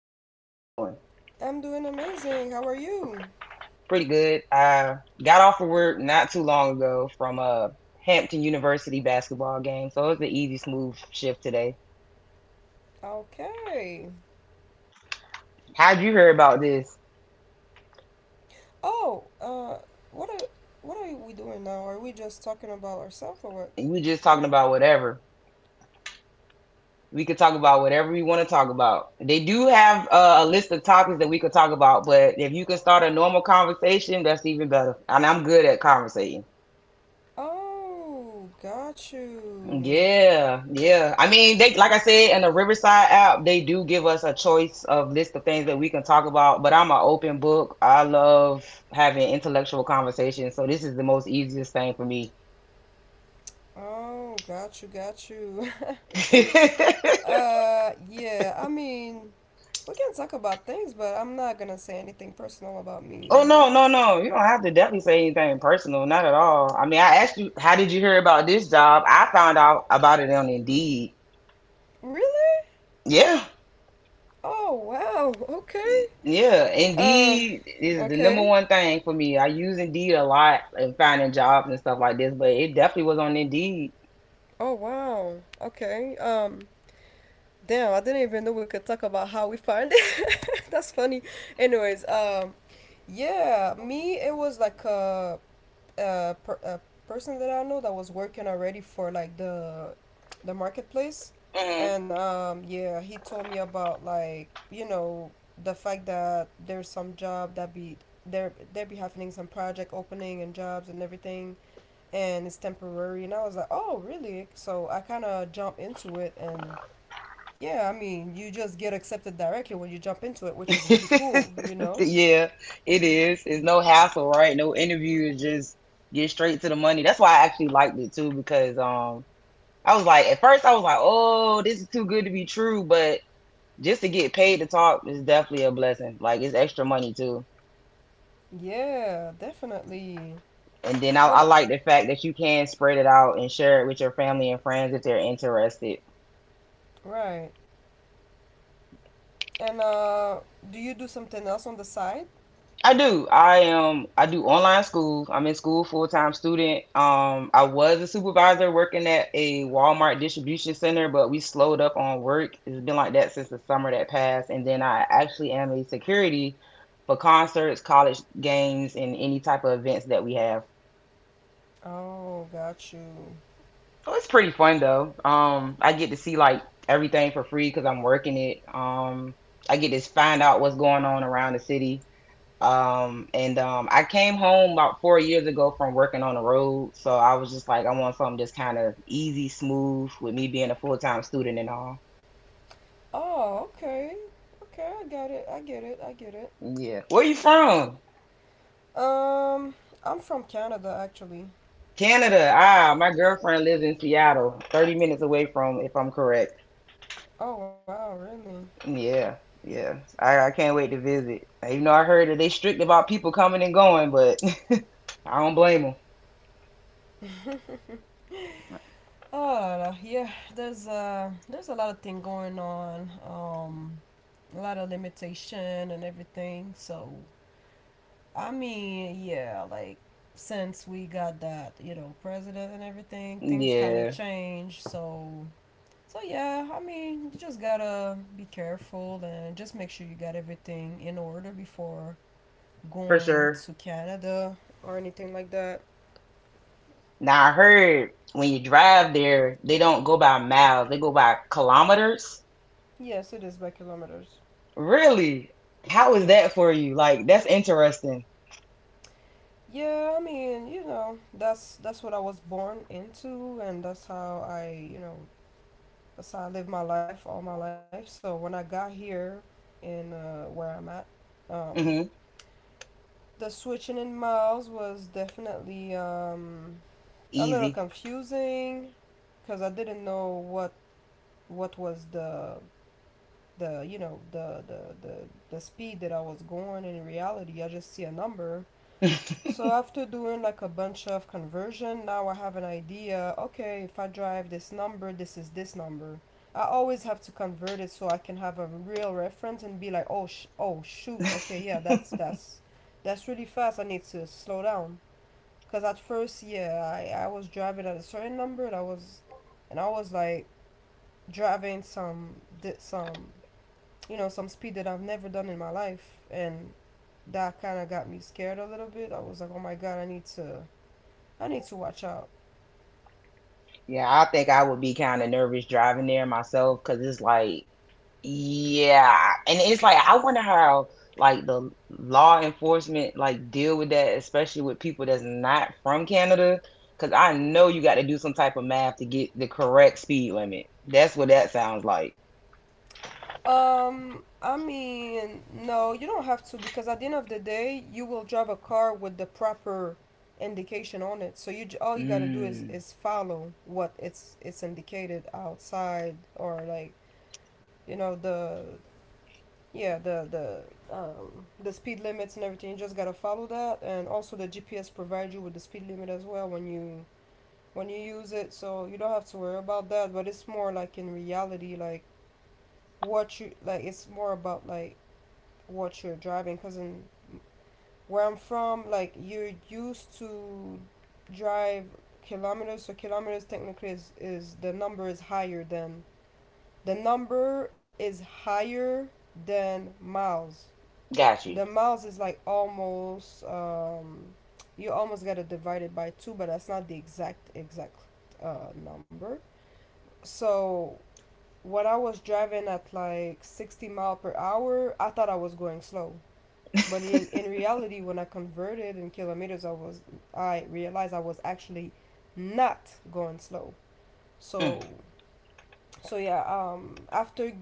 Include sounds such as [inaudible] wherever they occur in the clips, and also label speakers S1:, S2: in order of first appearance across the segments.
S1: Diana? How you doing?
S2: I'm doing amazing. How are you?
S1: Pretty good. I got off of work not too long ago from a Hampton University basketball game, so it was an easy, smooth shift today.
S2: Okay.
S1: How'd you hear about this?
S2: Oh, uh, what are what are we doing now? Are we just talking about ourselves or what?
S1: You were just talking about whatever. We could talk about whatever we want to talk about. They do have a list of topics that we could talk about, but if you can start a normal conversation, that's even better. And I'm good at conversating.
S2: Oh, got you.
S1: Yeah, yeah. I mean, they, like I said in the Riverside app, they do give us a choice of list of things that we can talk about. But I'm an open book. I love having intellectual conversations, so this is the most easiest thing for me.
S2: Oh, got you, got you. [laughs]
S1: [laughs]
S2: Yeah. I mean, we can talk about things, but I'm not gonna say anything personal about me,
S1: Oh
S2: you
S1: no,
S2: know?
S1: no, no. You don't have to definitely say anything personal, not at all. I mean, I asked you, how did you hear about this job? I found out about it on Indeed.
S2: Really?
S1: Yeah.
S2: Oh wow. [laughs] Okay.
S1: Yeah,
S2: Uh.
S1: Indeed is the number
S2: Okay.
S1: one thing for me. I use Indeed a lot in finding jobs and stuff like this, but it definitely was on Indeed.
S2: Oh wow. Okay. Um. Damn, I didn't even know we could talk about how we found it. [laughs] That's funny. Anyways, yeah, me, it was like a person that I know that was working already for like the marketplace,
S1: Hmm.
S2: and yeah, he told me about the fact that there's some job that be there there be happening, some project opening and jobs and everything, and it's temporary. And I was like, oh really? So I kind of jumped into it. And yeah, I mean, you just get accepted directly when you jump into it,
S1: [laughs]
S2: which is really cool, you know?
S1: Yeah, it is. It's no hassle, right? No interview. It's just get straight to the money. That's why I actually liked it too, because I was like, at first I was like, oh, this is too good to be true, but just to get paid to talk is definitely a blessing. Like it's extra money too.
S2: Yeah, definitely.
S1: And then I,
S2: What,
S1: I
S2: a-
S1: like the fact that you can spread it out and share it with your family and friends if they're interested.
S2: right. And do you do something else on the side?
S1: I do. I am. I do online school. I'm in school full time student. I was a supervisor working at a Walmart distribution center, but we slowed up on work. It's been like that since the summer that passed. And then I actually am a security for concerts, college games, and any type of events that we have.
S2: Oh, got you.
S1: Oh, it's pretty fun though. I get to see like everything for free because I'm working it. I get to find out what's going on around the city. And I came home about 4 years ago from working on the road, so I was just like, I want something just kind of easy, smooth, with me being a full time student and all.
S2: Oh, okay. Okay, I got it. I get it. I get it.
S1: Yeah. Where you from?
S2: Um, I'm from Canada actually.
S1: Canada. Ah, my girlfriend lives in Seattle, 30 minutes away from, if I'm correct.
S2: Oh, wow, really?
S1: Yeah, yeah. I can't wait to visit. Even though I heard that they strict about people coming and going, but [laughs] I don't blame them.
S2: Oh, la, la. Yeah, there's a lot of thing going on. A lot of limitation and everything. So I mean, yeah, like since we got that, you know, president and everything, things kind of
S1: Yeah,
S2: changed. So, so yeah, I mean, you just gotta be careful and just make sure you got everything in order before
S1: for
S2: going
S1: sure.
S2: to Canada or anything like that.
S1: Now I heard when you drive there, they don't go by miles, they go by kilometers.
S2: Yes, it is by kilometers.
S1: Really? How is that
S2: Yes.
S1: for you? Like, that's interesting.
S2: Yeah, I mean, you know, that's what I was born into, and that's how I live my life all my life. So when I got here in where I'm at, um,
S1: Hmm.
S2: the switching in miles was definitely a little
S1: Easy.
S2: confusing because I didn't know what was the you know the speed that I was going. In reality, I just see a number.
S1: [laughs]
S2: So after doing like a bunch of conversion, now I have an idea. Okay, if I drive this number, this is this number. I always have to convert it so I can have a real reference and be like, oh, oh shoot, okay, yeah, that's really fast. I need to slow down. Cause at first, yeah, I was driving at a certain number, and I was like driving some di- some you know some speed that I've never done in my life, and that kind of got me scared a little bit. I was like, oh my god, I need to watch out.
S1: Yeah, I think I would be kind of nervous driving there myself, because it's like, yeah, and it's like I wonder how like the law enforcement like deal with that, especially with people that's not from Canada, because I know you got to do some type of math to get the correct speed limit. That's what that sounds like.
S2: I mean, no, you don't have to, because at the end of the day, you will drive a car with the proper indication on it. So all you gotta do is
S1: Mm,
S2: follow what it's indicated outside, or like you know the yeah the speed limits and everything. You just gotta follow that, and also the GPS provides you with the speed limit as well when you use it. So you don't have to worry about that. But it's more like in reality, like what you like it's more about like what you're driving, because in where I'm from, like, you're used to drive kilometers. So kilometers technically is, the number is higher than the number is higher miles.
S1: got
S2: The
S1: you.
S2: miles is like almost you almost gotta divide it by two, but that's not the exact number. So when I was driving at like 60 mile per hour, I thought I was going slow. But in reality, when I converted in kilometers, I realized I was actually not going slow.
S1: Mm,
S2: So so yeah, after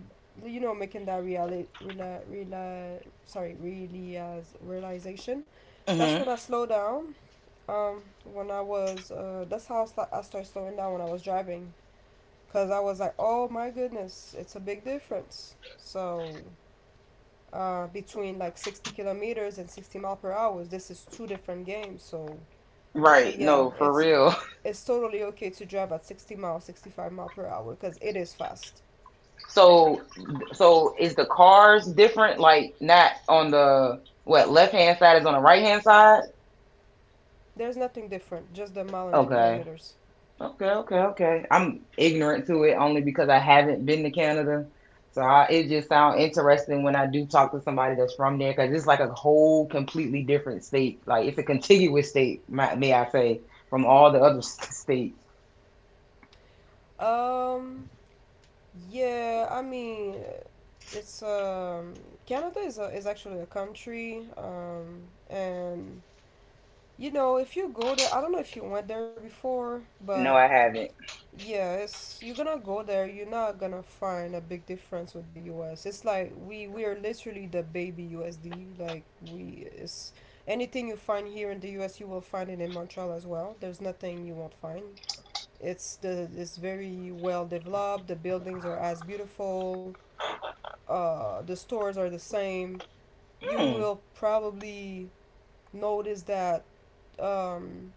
S2: you know making that reality reali- reali- sorry really as realization, that's
S1: hmm.
S2: when I slowed down. Um, when I was that's how I started slowing down when I was driving, because I was like, oh my goodness, it's a big difference. So between like 60 kilometers and 60 mile per hour, this is two different games. So so
S1: Right.
S2: yeah,
S1: No, for real. [laughs]
S2: it's totally okay to drive at 60 miles, 65 mile per hour, because it is fast.
S1: So, so is the cars different? Like not on the what left hand side is on the right hand side?
S2: There's nothing different, just the mile and the
S1: Okay.
S2: kilometers.
S1: Okay, okay, okay. I'm ignorant to it only because I haven't been to Canada. So I, it just sounds interesting when I do talk to somebody that's from there, because it's like a whole completely different state. Like it's a contiguous state, may I say, from all the other [laughs] states.
S2: Um, yeah, I mean, it's Canada is a, is actually a country, and you know, if you go there, I don't know if you went there before, but
S1: No, I haven't.
S2: yeah, it's you're gonna go there, you're not gonna find a big difference with the U.S. It's like we are literally the baby USD. Like we it's anything you find here in the U.S. you will find it in Montreal as well. There's nothing you won't find. It's very well developed. The buildings are as beautiful. The stores are the same. You
S1: Hmm.
S2: will probably notice that um,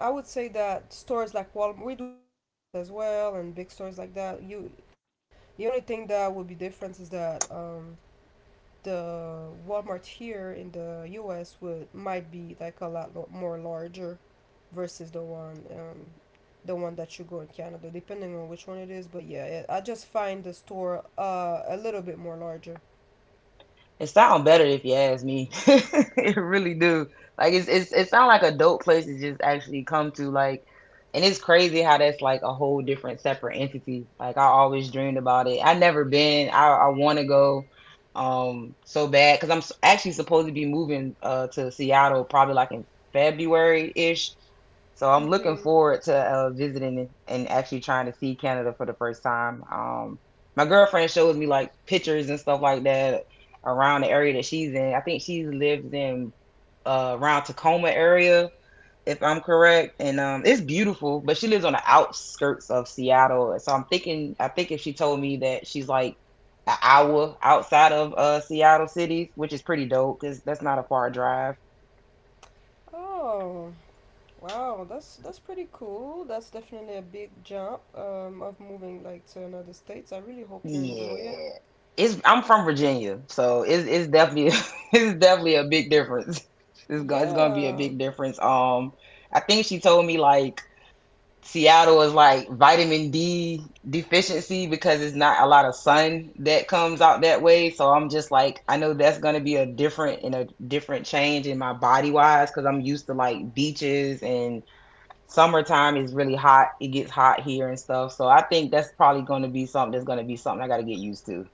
S2: I would say that stores like Walmart, we do have Walmart as well, and big stores like that. The only thing that would be different is that the Walmart here in the U.S. would might be like a more larger versus the one that you go in Canada, depending on which one it is. But yeah, it, I just find the store a little bit more larger.
S1: It sound better if you ask me. [laughs] It really do. Like it's it sound like a dope place to just actually come to. Like, and it's crazy how that's like a whole different separate entity. Like I always dreamed about it. I never been. I want to go, so bad because I'm s- actually supposed to be moving to Seattle probably like in February ish, so I'm looking
S2: Mm-hmm.
S1: forward to visiting and actually trying to see Canada for the first time. My girlfriend shows me like pictures and stuff like that around the area that she's in. I think she lives in around Tacoma area, if I'm correct. And it's beautiful, but she lives on the outskirts of Seattle. So I'm thinking, I think if she told me that she's like an hour outside of Seattle cities, which is pretty dope because that's not a far drive.
S2: Oh, wow, that's pretty cool. That's definitely a big jump of moving like to another states. I really hope you
S1: Yeah.
S2: enjoy it.
S1: It's I'm from Virginia, so it's definitely [laughs] it's definitely a big difference. It's going it's gonna be a
S2: Yeah.
S1: big difference. Um, I think she told me like Seattle is like vitamin D deficiency because it's not a lot of sun that comes out that way. So I'm just like I know that's gonna be a different and a different change in my body wise, because I'm used to like beaches and summertime is really hot. It gets hot here and stuff. So I think that's probably going to be something that's going to be something I got to get used to.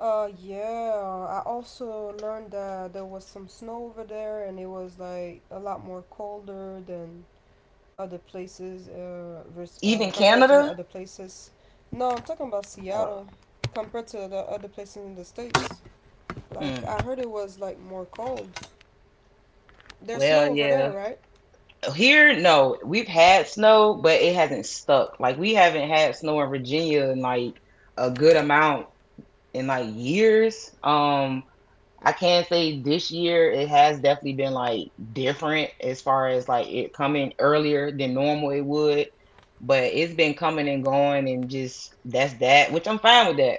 S2: Yeah, I also learned that there was some snow over there, and it was like a lot more colder than other places
S1: Even
S2: compared to the
S1: Canada?
S2: other places. No, I'm talking about
S1: Uh,
S2: Seattle compared to the other places in the states. Like
S1: mm,
S2: I heard it was like more cold. There's
S1: well,
S2: snow over there,
S1: yeah.
S2: right?
S1: Here, no. We've had snow, but it hasn't stuck. Like, we haven't had snow in Virginia in like a good amount in like years. I can say this year it has definitely been like different as far as like it coming earlier than normal it would, but it's been coming and going and just that's that, which I'm fine with that.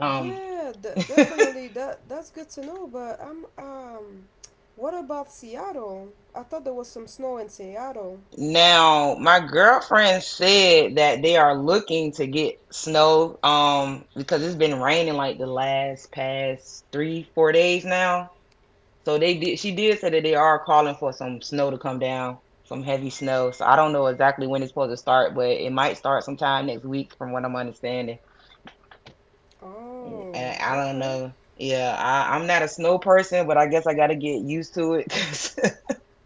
S1: Um,
S2: Yeah, definitely. That's good to know. But I'm what about Seattle? I thought there was some snow in Seattle.
S1: now my girlfriend said that they are looking to get snow because it's been raining like the last past 3 4 days now. So they did. She did say that they are calling for some snow to come down, some heavy snow. So I don't know exactly when it's supposed to start, but it might start sometime next week, from what I'm understanding.
S2: Oh,
S1: And I don't
S2: okay.
S1: know. Yeah, I'm not a snow person, but I guess I got to get used to it.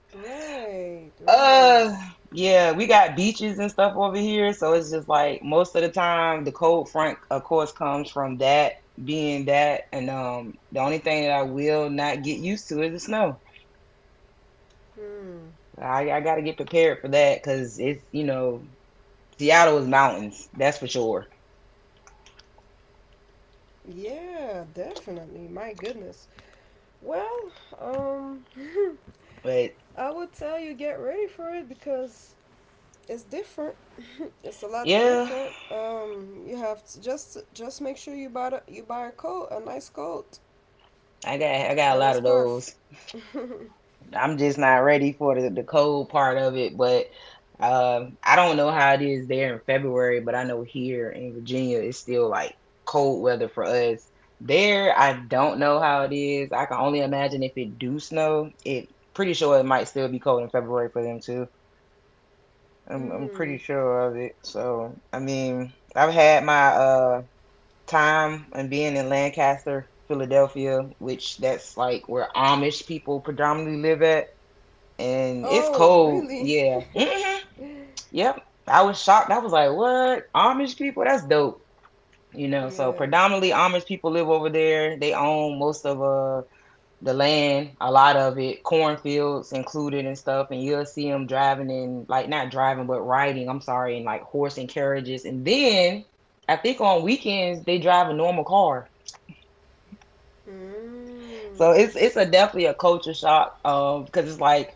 S2: Right,
S1: [laughs]
S2: right.
S1: uh, yeah, we got beaches and stuff over here, so it's just like most of the time the cold front, of course, comes from that being that, and the only thing that I will not get used to is the snow.
S2: Hmm.
S1: I got to get prepared for that because it's you know Seattle is mountains, that's for sure.
S2: Yeah, definitely. My goodness. Well, um,
S1: But
S2: [laughs] I would tell you get ready for it, because it's different. It's a lot
S1: yeah,
S2: different. You have to just make sure you buy you buy a coat, a nice coat,
S1: I got a
S2: and a
S1: lot of those.
S2: scarf. [laughs]
S1: I'm just not ready for the cold part of it. But I don't know how it is there in February, but I know here in Virginia it's still like cold weather for us. There, I don't know how it is. I can only imagine if it do snow. It pretty sure it might still be cold in February for them too. I'm pretty
S2: Mm.
S1: sure of it. So, I mean, I've had my time and being in Lancaster, Philadelphia, which that's like where Amish people predominantly live at, and it's
S2: Oh,
S1: cold.
S2: really?
S1: Yeah.
S2: [laughs]
S1: Hmm. Yep. I was shocked. I was like, "What? Amish people? That's dope." You know, so
S2: yeah.
S1: predominantly Amish people live over there. They own most of the land, a lot of it, cornfields included and stuff, and you'll see them driving in, like not driving, but riding, I'm sorry, in like horse and carriages. And then I think on weekends they drive a normal car.
S2: Mm.
S1: So it's a definitely a culture shock because it's like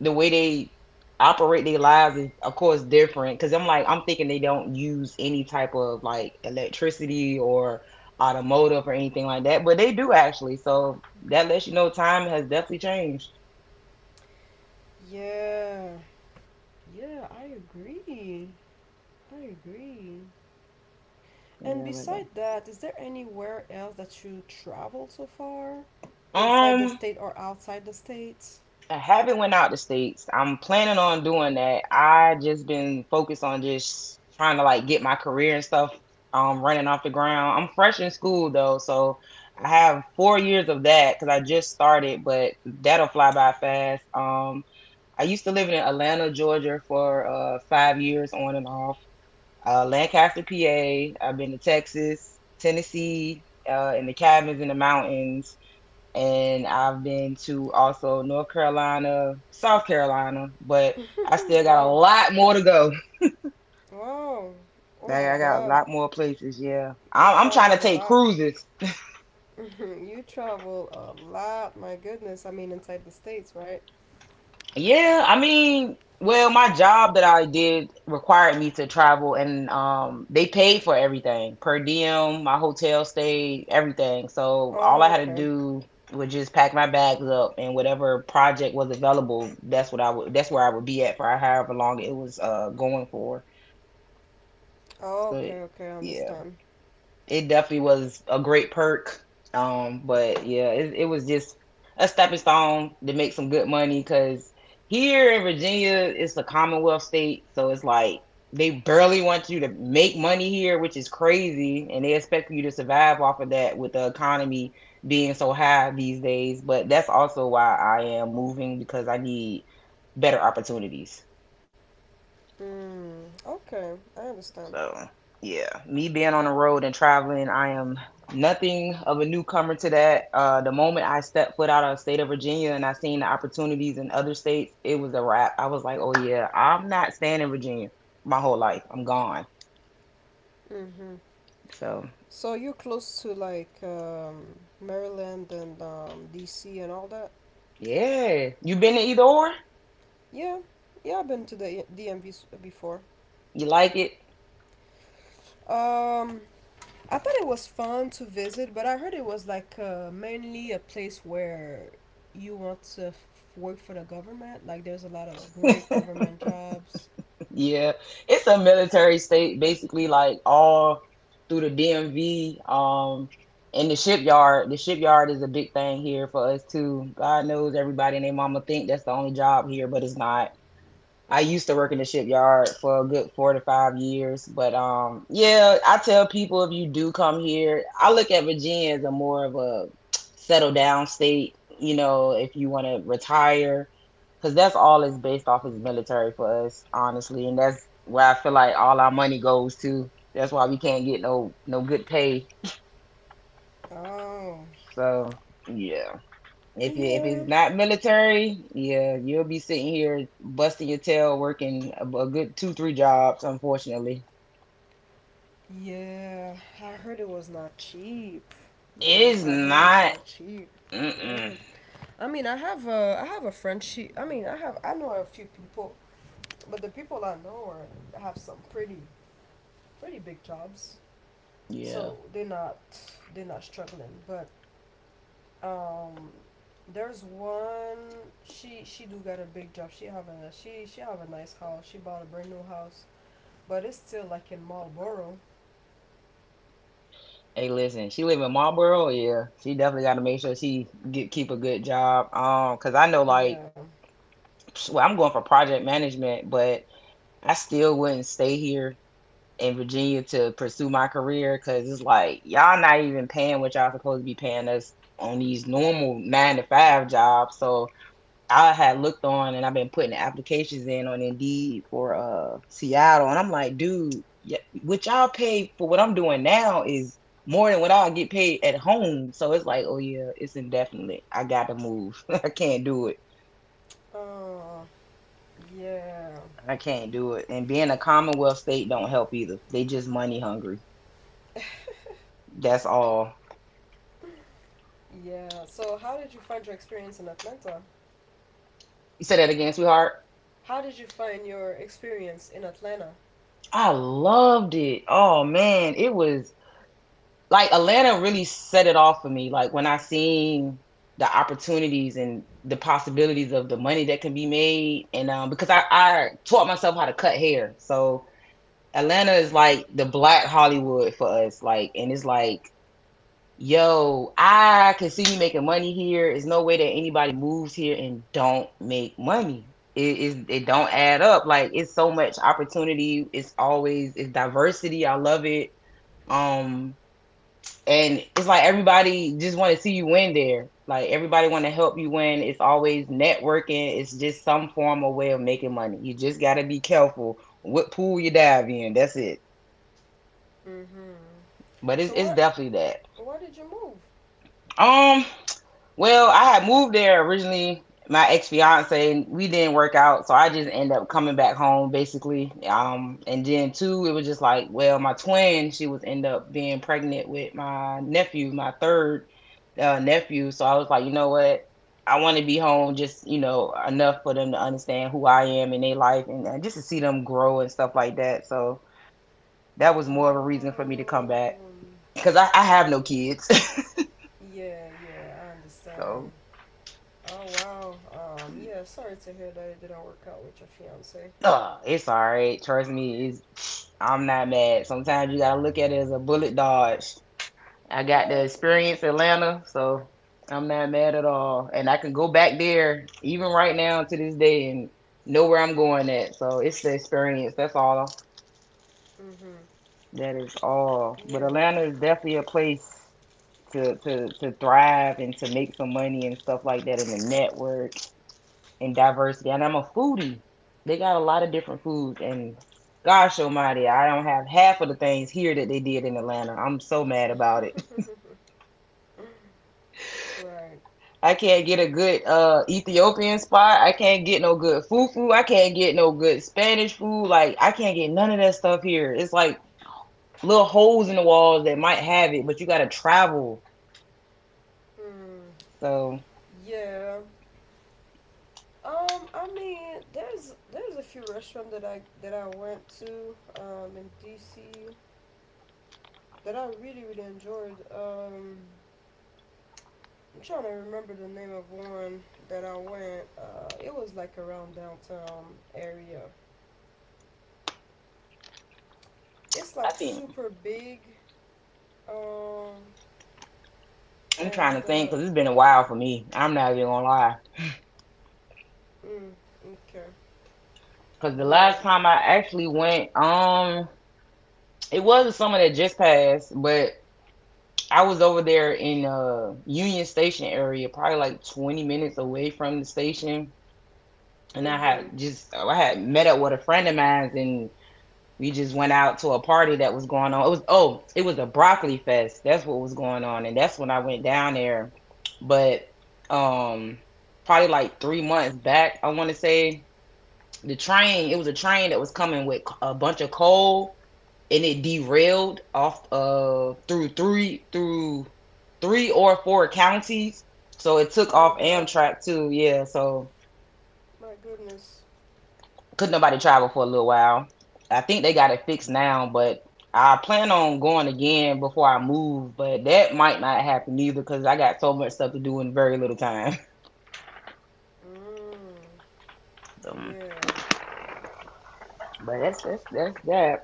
S1: the way they operate their lives is of course different. Because I'm like I'm thinking they don't use any type of like electricity or automotive or anything like that, but they do actually. So that lets you know time has definitely changed.
S2: Yeah. Yeah, I agree. I agree. And
S1: Yeah, but
S2: beside that, is there anywhere else that you traveled so far? Inside the
S1: um,
S2: state or outside the state?
S1: I haven't went out the states. I'm planning on doing that. I just been focused on just trying to like get my career and stuff running off the ground. I'm fresh in school though, so I have 4 years of that because I just started, but that'll fly by fast. I used to live in Atlanta, Georgia for 5 years on and off. Lancaster, PA. I've been to Texas, Tennessee, in the cabins in the mountains and I've been to also North Carolina, South Carolina, but I still
S2: [laughs]
S1: got a
S2: Wow.
S1: lot more to go.
S2: Wow. Oh
S1: Like
S2: my
S1: I got a
S2: god.
S1: lot more places. Yeah,
S2: You
S1: I'm trying
S2: travel
S1: to
S2: a
S1: take
S2: lot.
S1: cruises.
S2: [laughs] You travel a lot. My goodness. I mean, inside the states, right?
S1: Yeah, I mean, well, my job that I did required me to travel, and they paid for everything per diem, my hotel stay, everything. So all
S2: Oh,
S1: I had to
S2: okay.
S1: do was just pack my bags up, and whatever project was available, that's where I would be at for however long it was going for. So
S2: Okay, okay, I
S1: yeah,
S2: understand.
S1: it definitely was a great perk. But yeah, it was just a stepping stone to make some good money because here in Virginia, it's a Commonwealth state, so it's like they barely want you to make money here, which is crazy, and they expect you to survive off of that with the economy being so high these days. But that's also why I am moving because I need better opportunities.
S2: Mm, okay, I understand.
S1: So, yeah, me being on the road and traveling, I am nothing of a newcomer to that. The moment I stepped foot out of the state of Virginia and I seen the opportunities in other states, it was a wrap. I was like, oh, yeah, I'm not staying in Virginia my whole life. I'm gone.
S2: Mm-hmm.
S1: So,
S2: So you're close to like Maryland and DC and all that?
S1: yeah, you been to either or?
S2: Yeah, yeah, I've been to the DMV before.
S1: You like it?
S2: Um, I thought it was fun to visit, but I heard it was like mainly a place where you want to work for the government. Like there's a lot of great government jobs.
S1: Yeah, it's a military state, basically, like all through the DMV, and the shipyard. The shipyard is a big thing here for us too. God knows everybody and their mama think that's the only job here, but it's not. I used to work in the shipyard for a good 4 to 5 years, but yeah, I tell people if you do come here, I look at Virginia as a more of a settle down state. You know, if you want to retire, because that's all is based off is military for us, honestly, and that's where I feel like all our money goes to. That's why we can't get no good pay.
S2: Oh,
S1: So yeah. If
S2: yeah.
S1: it's not military, yeah, you'll be sitting here busting your tail, working a good 2, 3 jobs. Unfortunately,
S2: Yeah, I heard it was not cheap.
S1: it
S2: Nah,
S1: is
S2: I heard it's
S1: not.
S2: not cheap. Yeah,
S1: Mm-mm.
S2: I mean, I have a friend. I mean, I have, I know a few people, but the people I know are, have some pretty big jobs,
S1: Yeah.
S2: so they're not struggling. But um, there's one. She do got a big job. She have a nice house. She bought a brand new house, but it's still like in Marlboro.
S1: Hey, listen, she live in Marlboro. Yeah, she definitely got to make sure she get keep a good job. Cause I know like,
S2: Yeah.
S1: well, I'm going for project management, but I still wouldn't stay here in Virginia to pursue my career, cause it's like y'all not even paying what y'all supposed to be paying us on these normal 9 to 5 jobs. So I had looked on and I've been putting the applications in on Indeed for Seattle, and I'm like, dude, what y'all pay for what I'm doing now is more than what I'll get paid at home. So it's like, oh yeah, it's indefinite. I got to move. [laughs] I can't do it.
S2: Uh, yeah.
S1: I can't do it. And being a Commonwealth state don't help either. They just money hungry. That's all.
S2: Yeah. So, how did you find your experience in Atlanta?
S1: You said that again, sweetheart.
S2: How did you find your experience in Atlanta?
S1: I loved it. Oh man, it was. Like Atlanta really set it off for me. Like when I seen the opportunities and the possibilities of the money that can be made, and because I taught myself how to cut hair, so Atlanta is like the black Hollywood for us. Like, and it's like, yo, I can see you making money here. There's no way that anybody moves here and don't make money. It don't add up. Like it's so much opportunity. It's always, it's diversity. I love it. Um and it's like everybody just want to see you win there. Like everybody want to help you win. It's always networking. It's just some form of way of making money. You just got to be careful what pool you dive in. That's it.
S2: Mhm.
S1: But it's,
S2: So,
S1: it's definitely that.
S2: where did you move?
S1: Um. Well, I had moved there originally. My ex fiance, we didn't work out, so I just ended up coming back home basically. And then too, it was just like, well, my twin, she was end up being pregnant with my nephew, my third nephew. So I was like, you know what? I want to be home just, you know, enough for them to understand who I am in their life and just to see them grow and stuff like that. So that was more of a reason for me to come
S2: Oh.
S1: back because I have no kids.
S2: Yeah, yeah, I
S1: [laughs]
S2: understand.
S1: so
S2: Oh, wow. Yeah, sorry to hear that it didn't work out with your fiance.
S1: uh, it's all right. Trust me. It's I'm not mad. Sometimes you gotta look at it as a bullet dodged. I got
S2: Yeah,
S1: the
S2: yeah.
S1: experience in Atlanta, so I'm not mad at all. And I can go back there even right now to this day and know where I'm going at. So it's the experience. That's all.
S2: Mhm.
S1: That is all. But
S2: Yeah,
S1: Atlanta is definitely a place to thrive and to make some money and stuff like that in the network and diversity. And I'm a foodie. They got a lot of different foods. And gosh almighty, I don't have half of the things here that they did in Atlanta. I'm so mad about it.
S2: right.
S1: [laughs] I can't get a good Ethiopian spot. I can't get no good fufu. I can't get no good Spanish food. Like I can't get none of that stuff here. It's like little holes in the walls that might have it, but you gotta travel.
S2: Hmm.
S1: So
S2: Yeah. I mean, there's a few restaurants that I went to in DC that I really really enjoyed. I'm trying to remember the name of one that I went. It was like around downtown area. It's
S1: I
S2: like
S1: think
S2: super big. Um,
S1: I'm trying to
S2: and
S1: think
S2: uh,
S1: because it's been a while for me. I'm not even gonna lie.
S2: mm, okay,
S1: Cause the last
S2: yeah.
S1: time I actually went, it was a summer that just passed, but I was over there in Union Station area, probably like 20 minutes away from the station. And
S2: Mhm.
S1: I had met up with a friend of mine and we just went out to a party that was going on. It was oh, it was a broccoli fest. That's what was going on. And that's when I went down there. But um probably like 3 months back, I wanna say, it was a train that was coming with a bunch of coal and it derailed off through three or four counties. So it took
S2: My
S1: off
S2: God.
S1: Amtrak too. Yeah, so
S2: My goodness.
S1: couldn't nobody travel for a little while. I think they got it fixed now, but I plan on going again before I move. But that might not happen either because I got so much stuff to do in very little time. [laughs]
S2: Mm,
S1: Um,
S2: yeah.
S1: but that's that.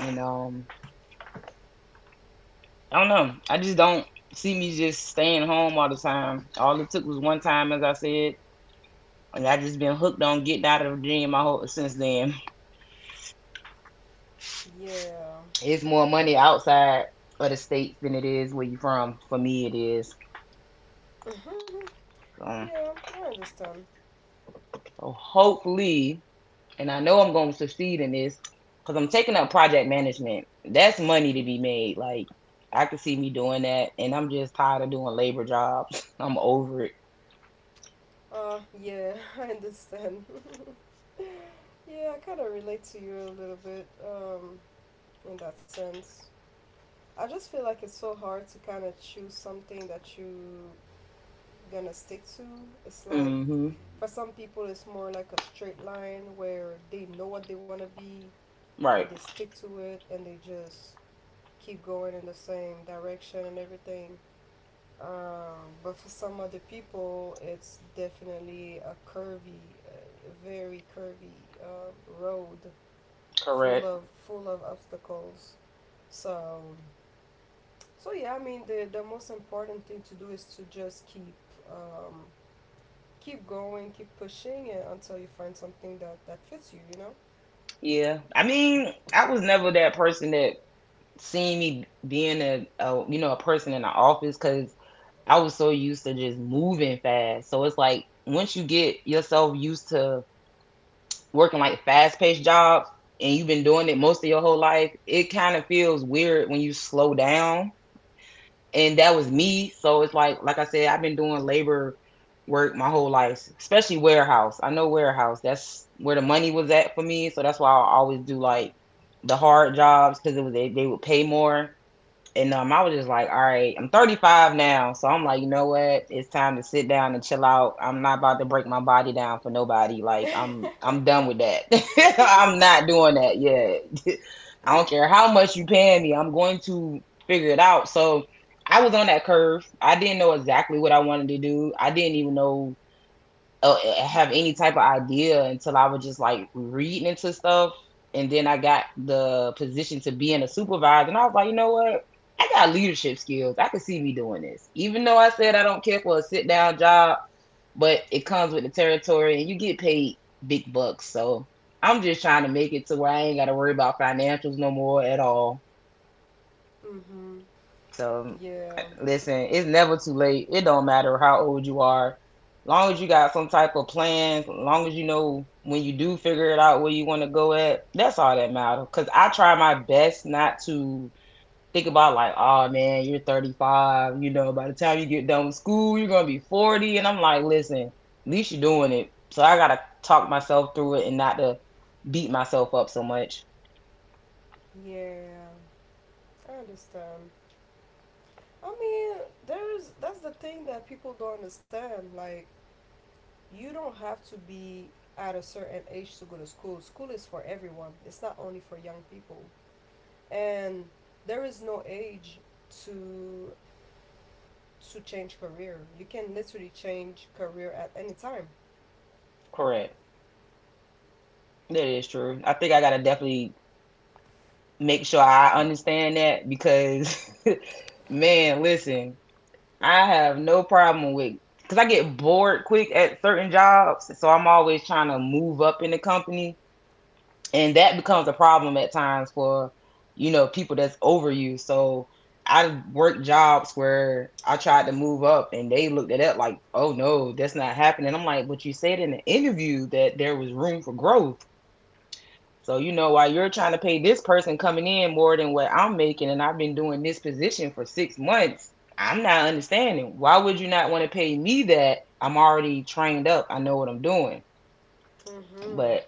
S1: And I don't know. I just don't see me just staying home all the time. All it took was one time, as I said. And I just been hooked on getting out of Virginia my whole since then.
S2: Yeah.
S1: It's more money outside of the states than it is where you from. For me, it is.
S2: [laughs]
S1: Um,
S2: yeah. I understand.
S1: so hopefully, and I know I'm going to succeed in this because I'm taking up project management. That's money to be made. Like I could see me doing that, and I'm just tired of doing labor jobs. [laughs] I'm over it.
S2: Yeah, [laughs] I understand. [laughs] Yeah, I kind of relate to you a little bit in that sense. I just feel like it's so hard to kind of choose something that you gonna stick to. It's like
S1: Mm hmm
S2: for some people, it's more like a straight line where they know what they want to be, and
S1: Right.
S2: they stick to it, and they just keep going in the same direction and everything. But for some other people, it's definitely a curvy, very curvy uh, road, full
S1: Correct.
S2: of obstacles. So, so yeah, I mean, the most important thing to do is to just keep um, keep going, keep pushing it until you find something that fits you, you know.
S1: Yeah. I mean, I was never that person that seen me being a you know a person in the office because I was so used to just moving fast. So it's like once you get yourself used to working like fast paced jobs and you've been doing it most of your whole life, it kind of feels weird when you slow down. And that was me. So it's like I said, I've been doing labor work my whole life, especially warehouse. I know warehouse. That's where the money was at for me. So that's why I always do like the hard jobs because they would pay more and I was just like, all right, I'm 35 now. So I'm like, you know what? It's time to sit down and chill out. I'm not about to break my body down for nobody. Like, I'm done with that. [laughs] I'm not doing that yet. [laughs] I don't care how much you pay me. I'm going to figure it out. So I was on that curve. I didn't know exactly what I wanted to do. I didn't even know have any type of idea until I was just like reading into stuff. And then I got the position to being a supervisor. And I was like, you know what? I got leadership skills. I could see me doing this. Even though I said I don't care for a sit down job, but it comes with the territory and you get paid big bucks. So I'm just trying to make it to where I ain't got to worry about financials no more at all.
S2: Mhm.
S1: So
S2: Yeah.
S1: listen, it's never too late. It don't matter how old you are. Long as you got some type of plan, long as you know when you do figure it out where you want to go at, that's all that matters. Cause I try my best not to think about like, oh man, you're 35. You know, by the time you get done with school, you're gonna be 40. And I'm like, listen, at least you're doing it. So I gotta talk myself through it and not to beat myself up so much.
S2: Yeah. I understand. I mean, there's that's the thing that people don't understand. Like you don't have to be at a certain age to go to school. School is for everyone. It's not only for young people. And there is no age to change career. You can literally change career at any time.
S1: Correct. That is true. I think I gotta definitely make sure I understand that because [laughs] man, listen, I have no problem with because I get bored quick at certain jobs, so I'm always trying to move up in the company, and that becomes a problem at times for people that's over you. So I worked jobs where I tried to move up, and they looked at that like, "Oh no, that's not happening." I'm like, "But you said in the interview that there was room for growth." So you know, while you're trying to pay this person coming in more than what I'm making, and I've been doing this position for 6 months, I'm not understanding. Why would you not want to pay me that? I'm already trained up. I know what I'm doing.
S2: Mhm.
S1: But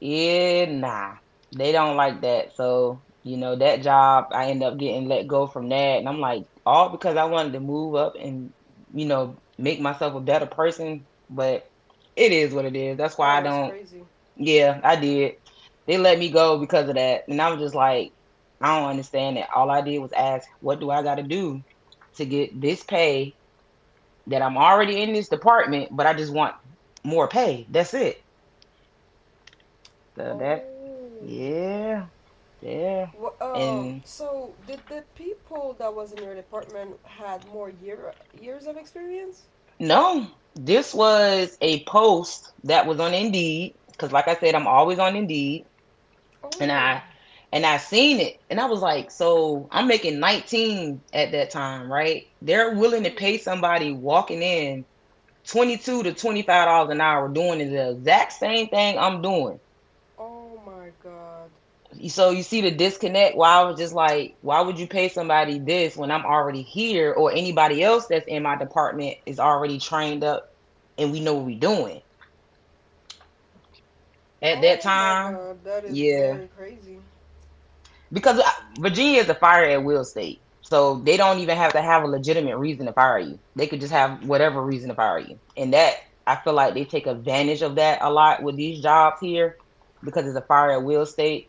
S1: yeah, nah, they don't like that. So you know, that job, I end up getting let go from that, and I'm like, all because I wanted to move up and make myself a better person. But it is what it is. That's why
S2: Oh,
S1: I
S2: that's
S1: don't.
S2: crazy.
S1: Yeah, I did. They let me go because of that. And I was just like, I don't understand it. All I did was ask, what do I got to do to get this pay that I'm already in this department, but I just want more pay? That's it. So that,
S2: Oh.
S1: yeah, yeah.
S2: Wha.
S1: And
S2: So, did the people that was in your department had more years of experience?
S1: no, this was a post that was on Indeed. Because, like I said, I'm always on Indeed. and
S2: Oh.
S1: I and I seen it and I was like, so I'm making 19 at that time, right? They're willing to
S2: Mhm.
S1: pay somebody walking in 22 to $25 an hour doing the exact same thing I'm doing.
S2: Oh my God.
S1: So you see the disconnect why I was just like, why would you pay somebody this when I'm already here or anybody else that's in my department is already trained up and we know what we're doing. At that
S2: Oh my
S1: time,
S2: God, that is
S1: yeah.
S2: very crazy.
S1: Because Virginia is a fire at will state. So they don't even have to have a legitimate reason to fire you. They could just have whatever reason to fire you. And that, I feel like they take advantage of that a lot with these jobs here because it's a fire at will state.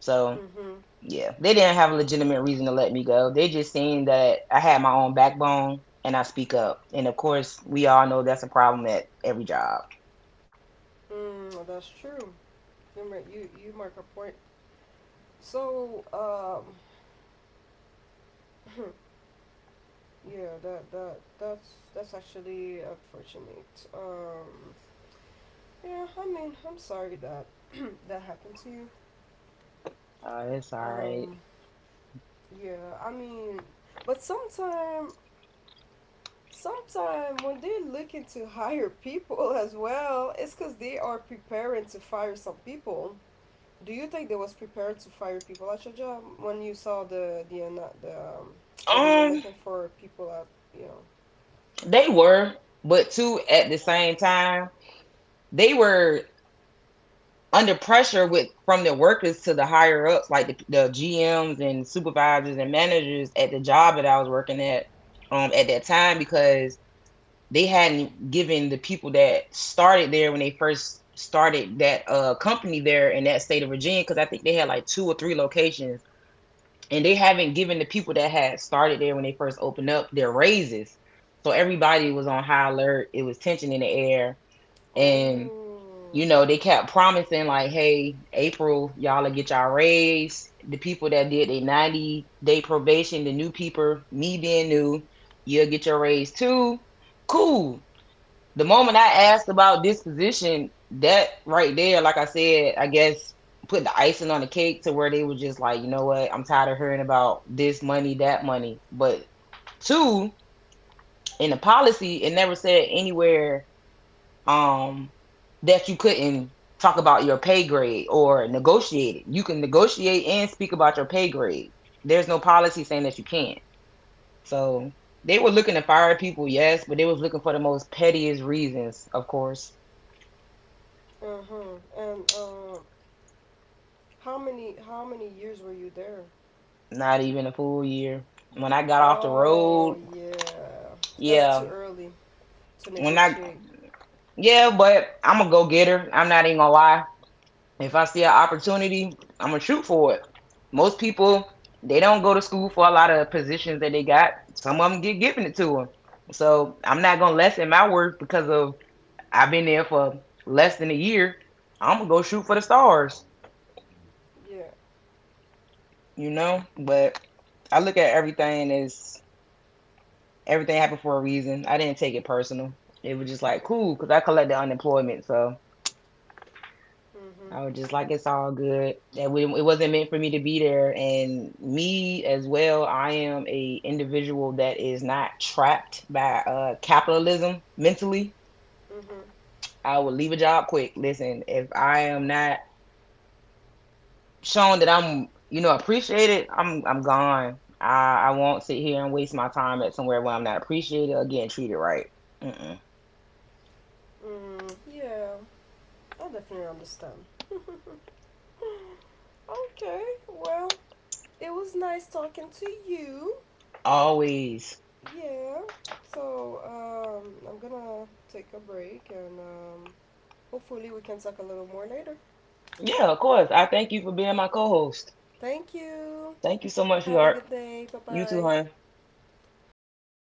S1: So
S2: Mm-hmm.
S1: yeah, they didn't have a legitimate reason to let me go. They just seen that I had my own backbone and I speak up. And of course, we all know that's a problem at every job.
S2: Mm, that's true. You make you you mark a point. So yeah, that's actually unfortunate. Yeah, I mean, I'm sorry that [clears throat] that happened to you.
S1: It's all right.
S2: Um, yeah, I mean, but sometime when they're looking to hire people [laughs] as well, it's because they are preparing to fire some people. Do you think they was prepared to fire people at your job when you saw the ana- the that they were
S1: Um,
S2: looking for people at, you know?
S1: they were, but two at the same time, they were under pressure with from the workers to the higher ups, like the GMs and supervisors and managers at the job that I was working at that time because they hadn't given the people that started there when they first started that company there in that state of Virginia because I think they had like two or three locations and they haven't given the people that had started there when they first opened up their raises. So everybody was on high alert. It was tension in the air and
S2: Oh,
S1: you know, they kept promising like, hey, April, y'all will get y'all raise. The people that did a 90-day probation, the new people, me being new, you'll get your raise too. Cool. The moment I asked about this position, that right there, like I said, I guess put the icing on the cake to where they were just like, you know what, I'm tired of hearing about this money, that money. But two, in the policy, it never said anywhere um that you couldn't talk about your pay grade or negotiate it. You can negotiate and speak about your pay grade. There's no policy saying that you can't. So they were looking to fire people, yes, but they was looking for the most pettiest reasons, of course.
S2: uh huh. And how many years were you there?
S1: Not even a full year. When I got off the
S2: Oh
S1: road,
S2: yeah, that's too
S1: yeah.
S2: early to
S1: When I
S2: negotiate.
S1: yeah, but I'm a go getter. I'm not even gonna lie. If I see an opportunity, I'm gonna shoot for it. Most people they don't go to school for a lot of positions that they got. Some of them get given it to them. So I'm not gonna lessen my worth because of I've been there for less than a year. I'm gonna go shoot for the stars,
S2: Yeah.
S1: you know. But I look at everything as everything happened for a reason. I didn't take it personal. It was just like cool because I collected unemployment, so
S2: Mhm.
S1: I was just like, it's all good. That we, it wasn't meant for me to be there. And me as well, I am a individual that is not trapped by capitalism mentally.
S2: Mhm.
S1: I will leave a job quick. Listen, if I am not shown that I'm appreciated, I'm gone. I won't sit here and waste my time at somewhere where I'm not appreciated or getting treated right. Mm-mm.
S2: Mm, yeah, I definitely understand. [laughs] Okay, well, it was nice talking to you.
S1: Always.
S2: Yeah. So I'm gonna take a break, and hopefully we can talk a little more later.
S1: Yeah, of course. I thank you for being my co-host.
S2: Thank you.
S1: Thank you so much,
S2: Have a
S1: sweetheart.
S2: good day. Bye
S1: You too,
S2: bye.
S1: hon.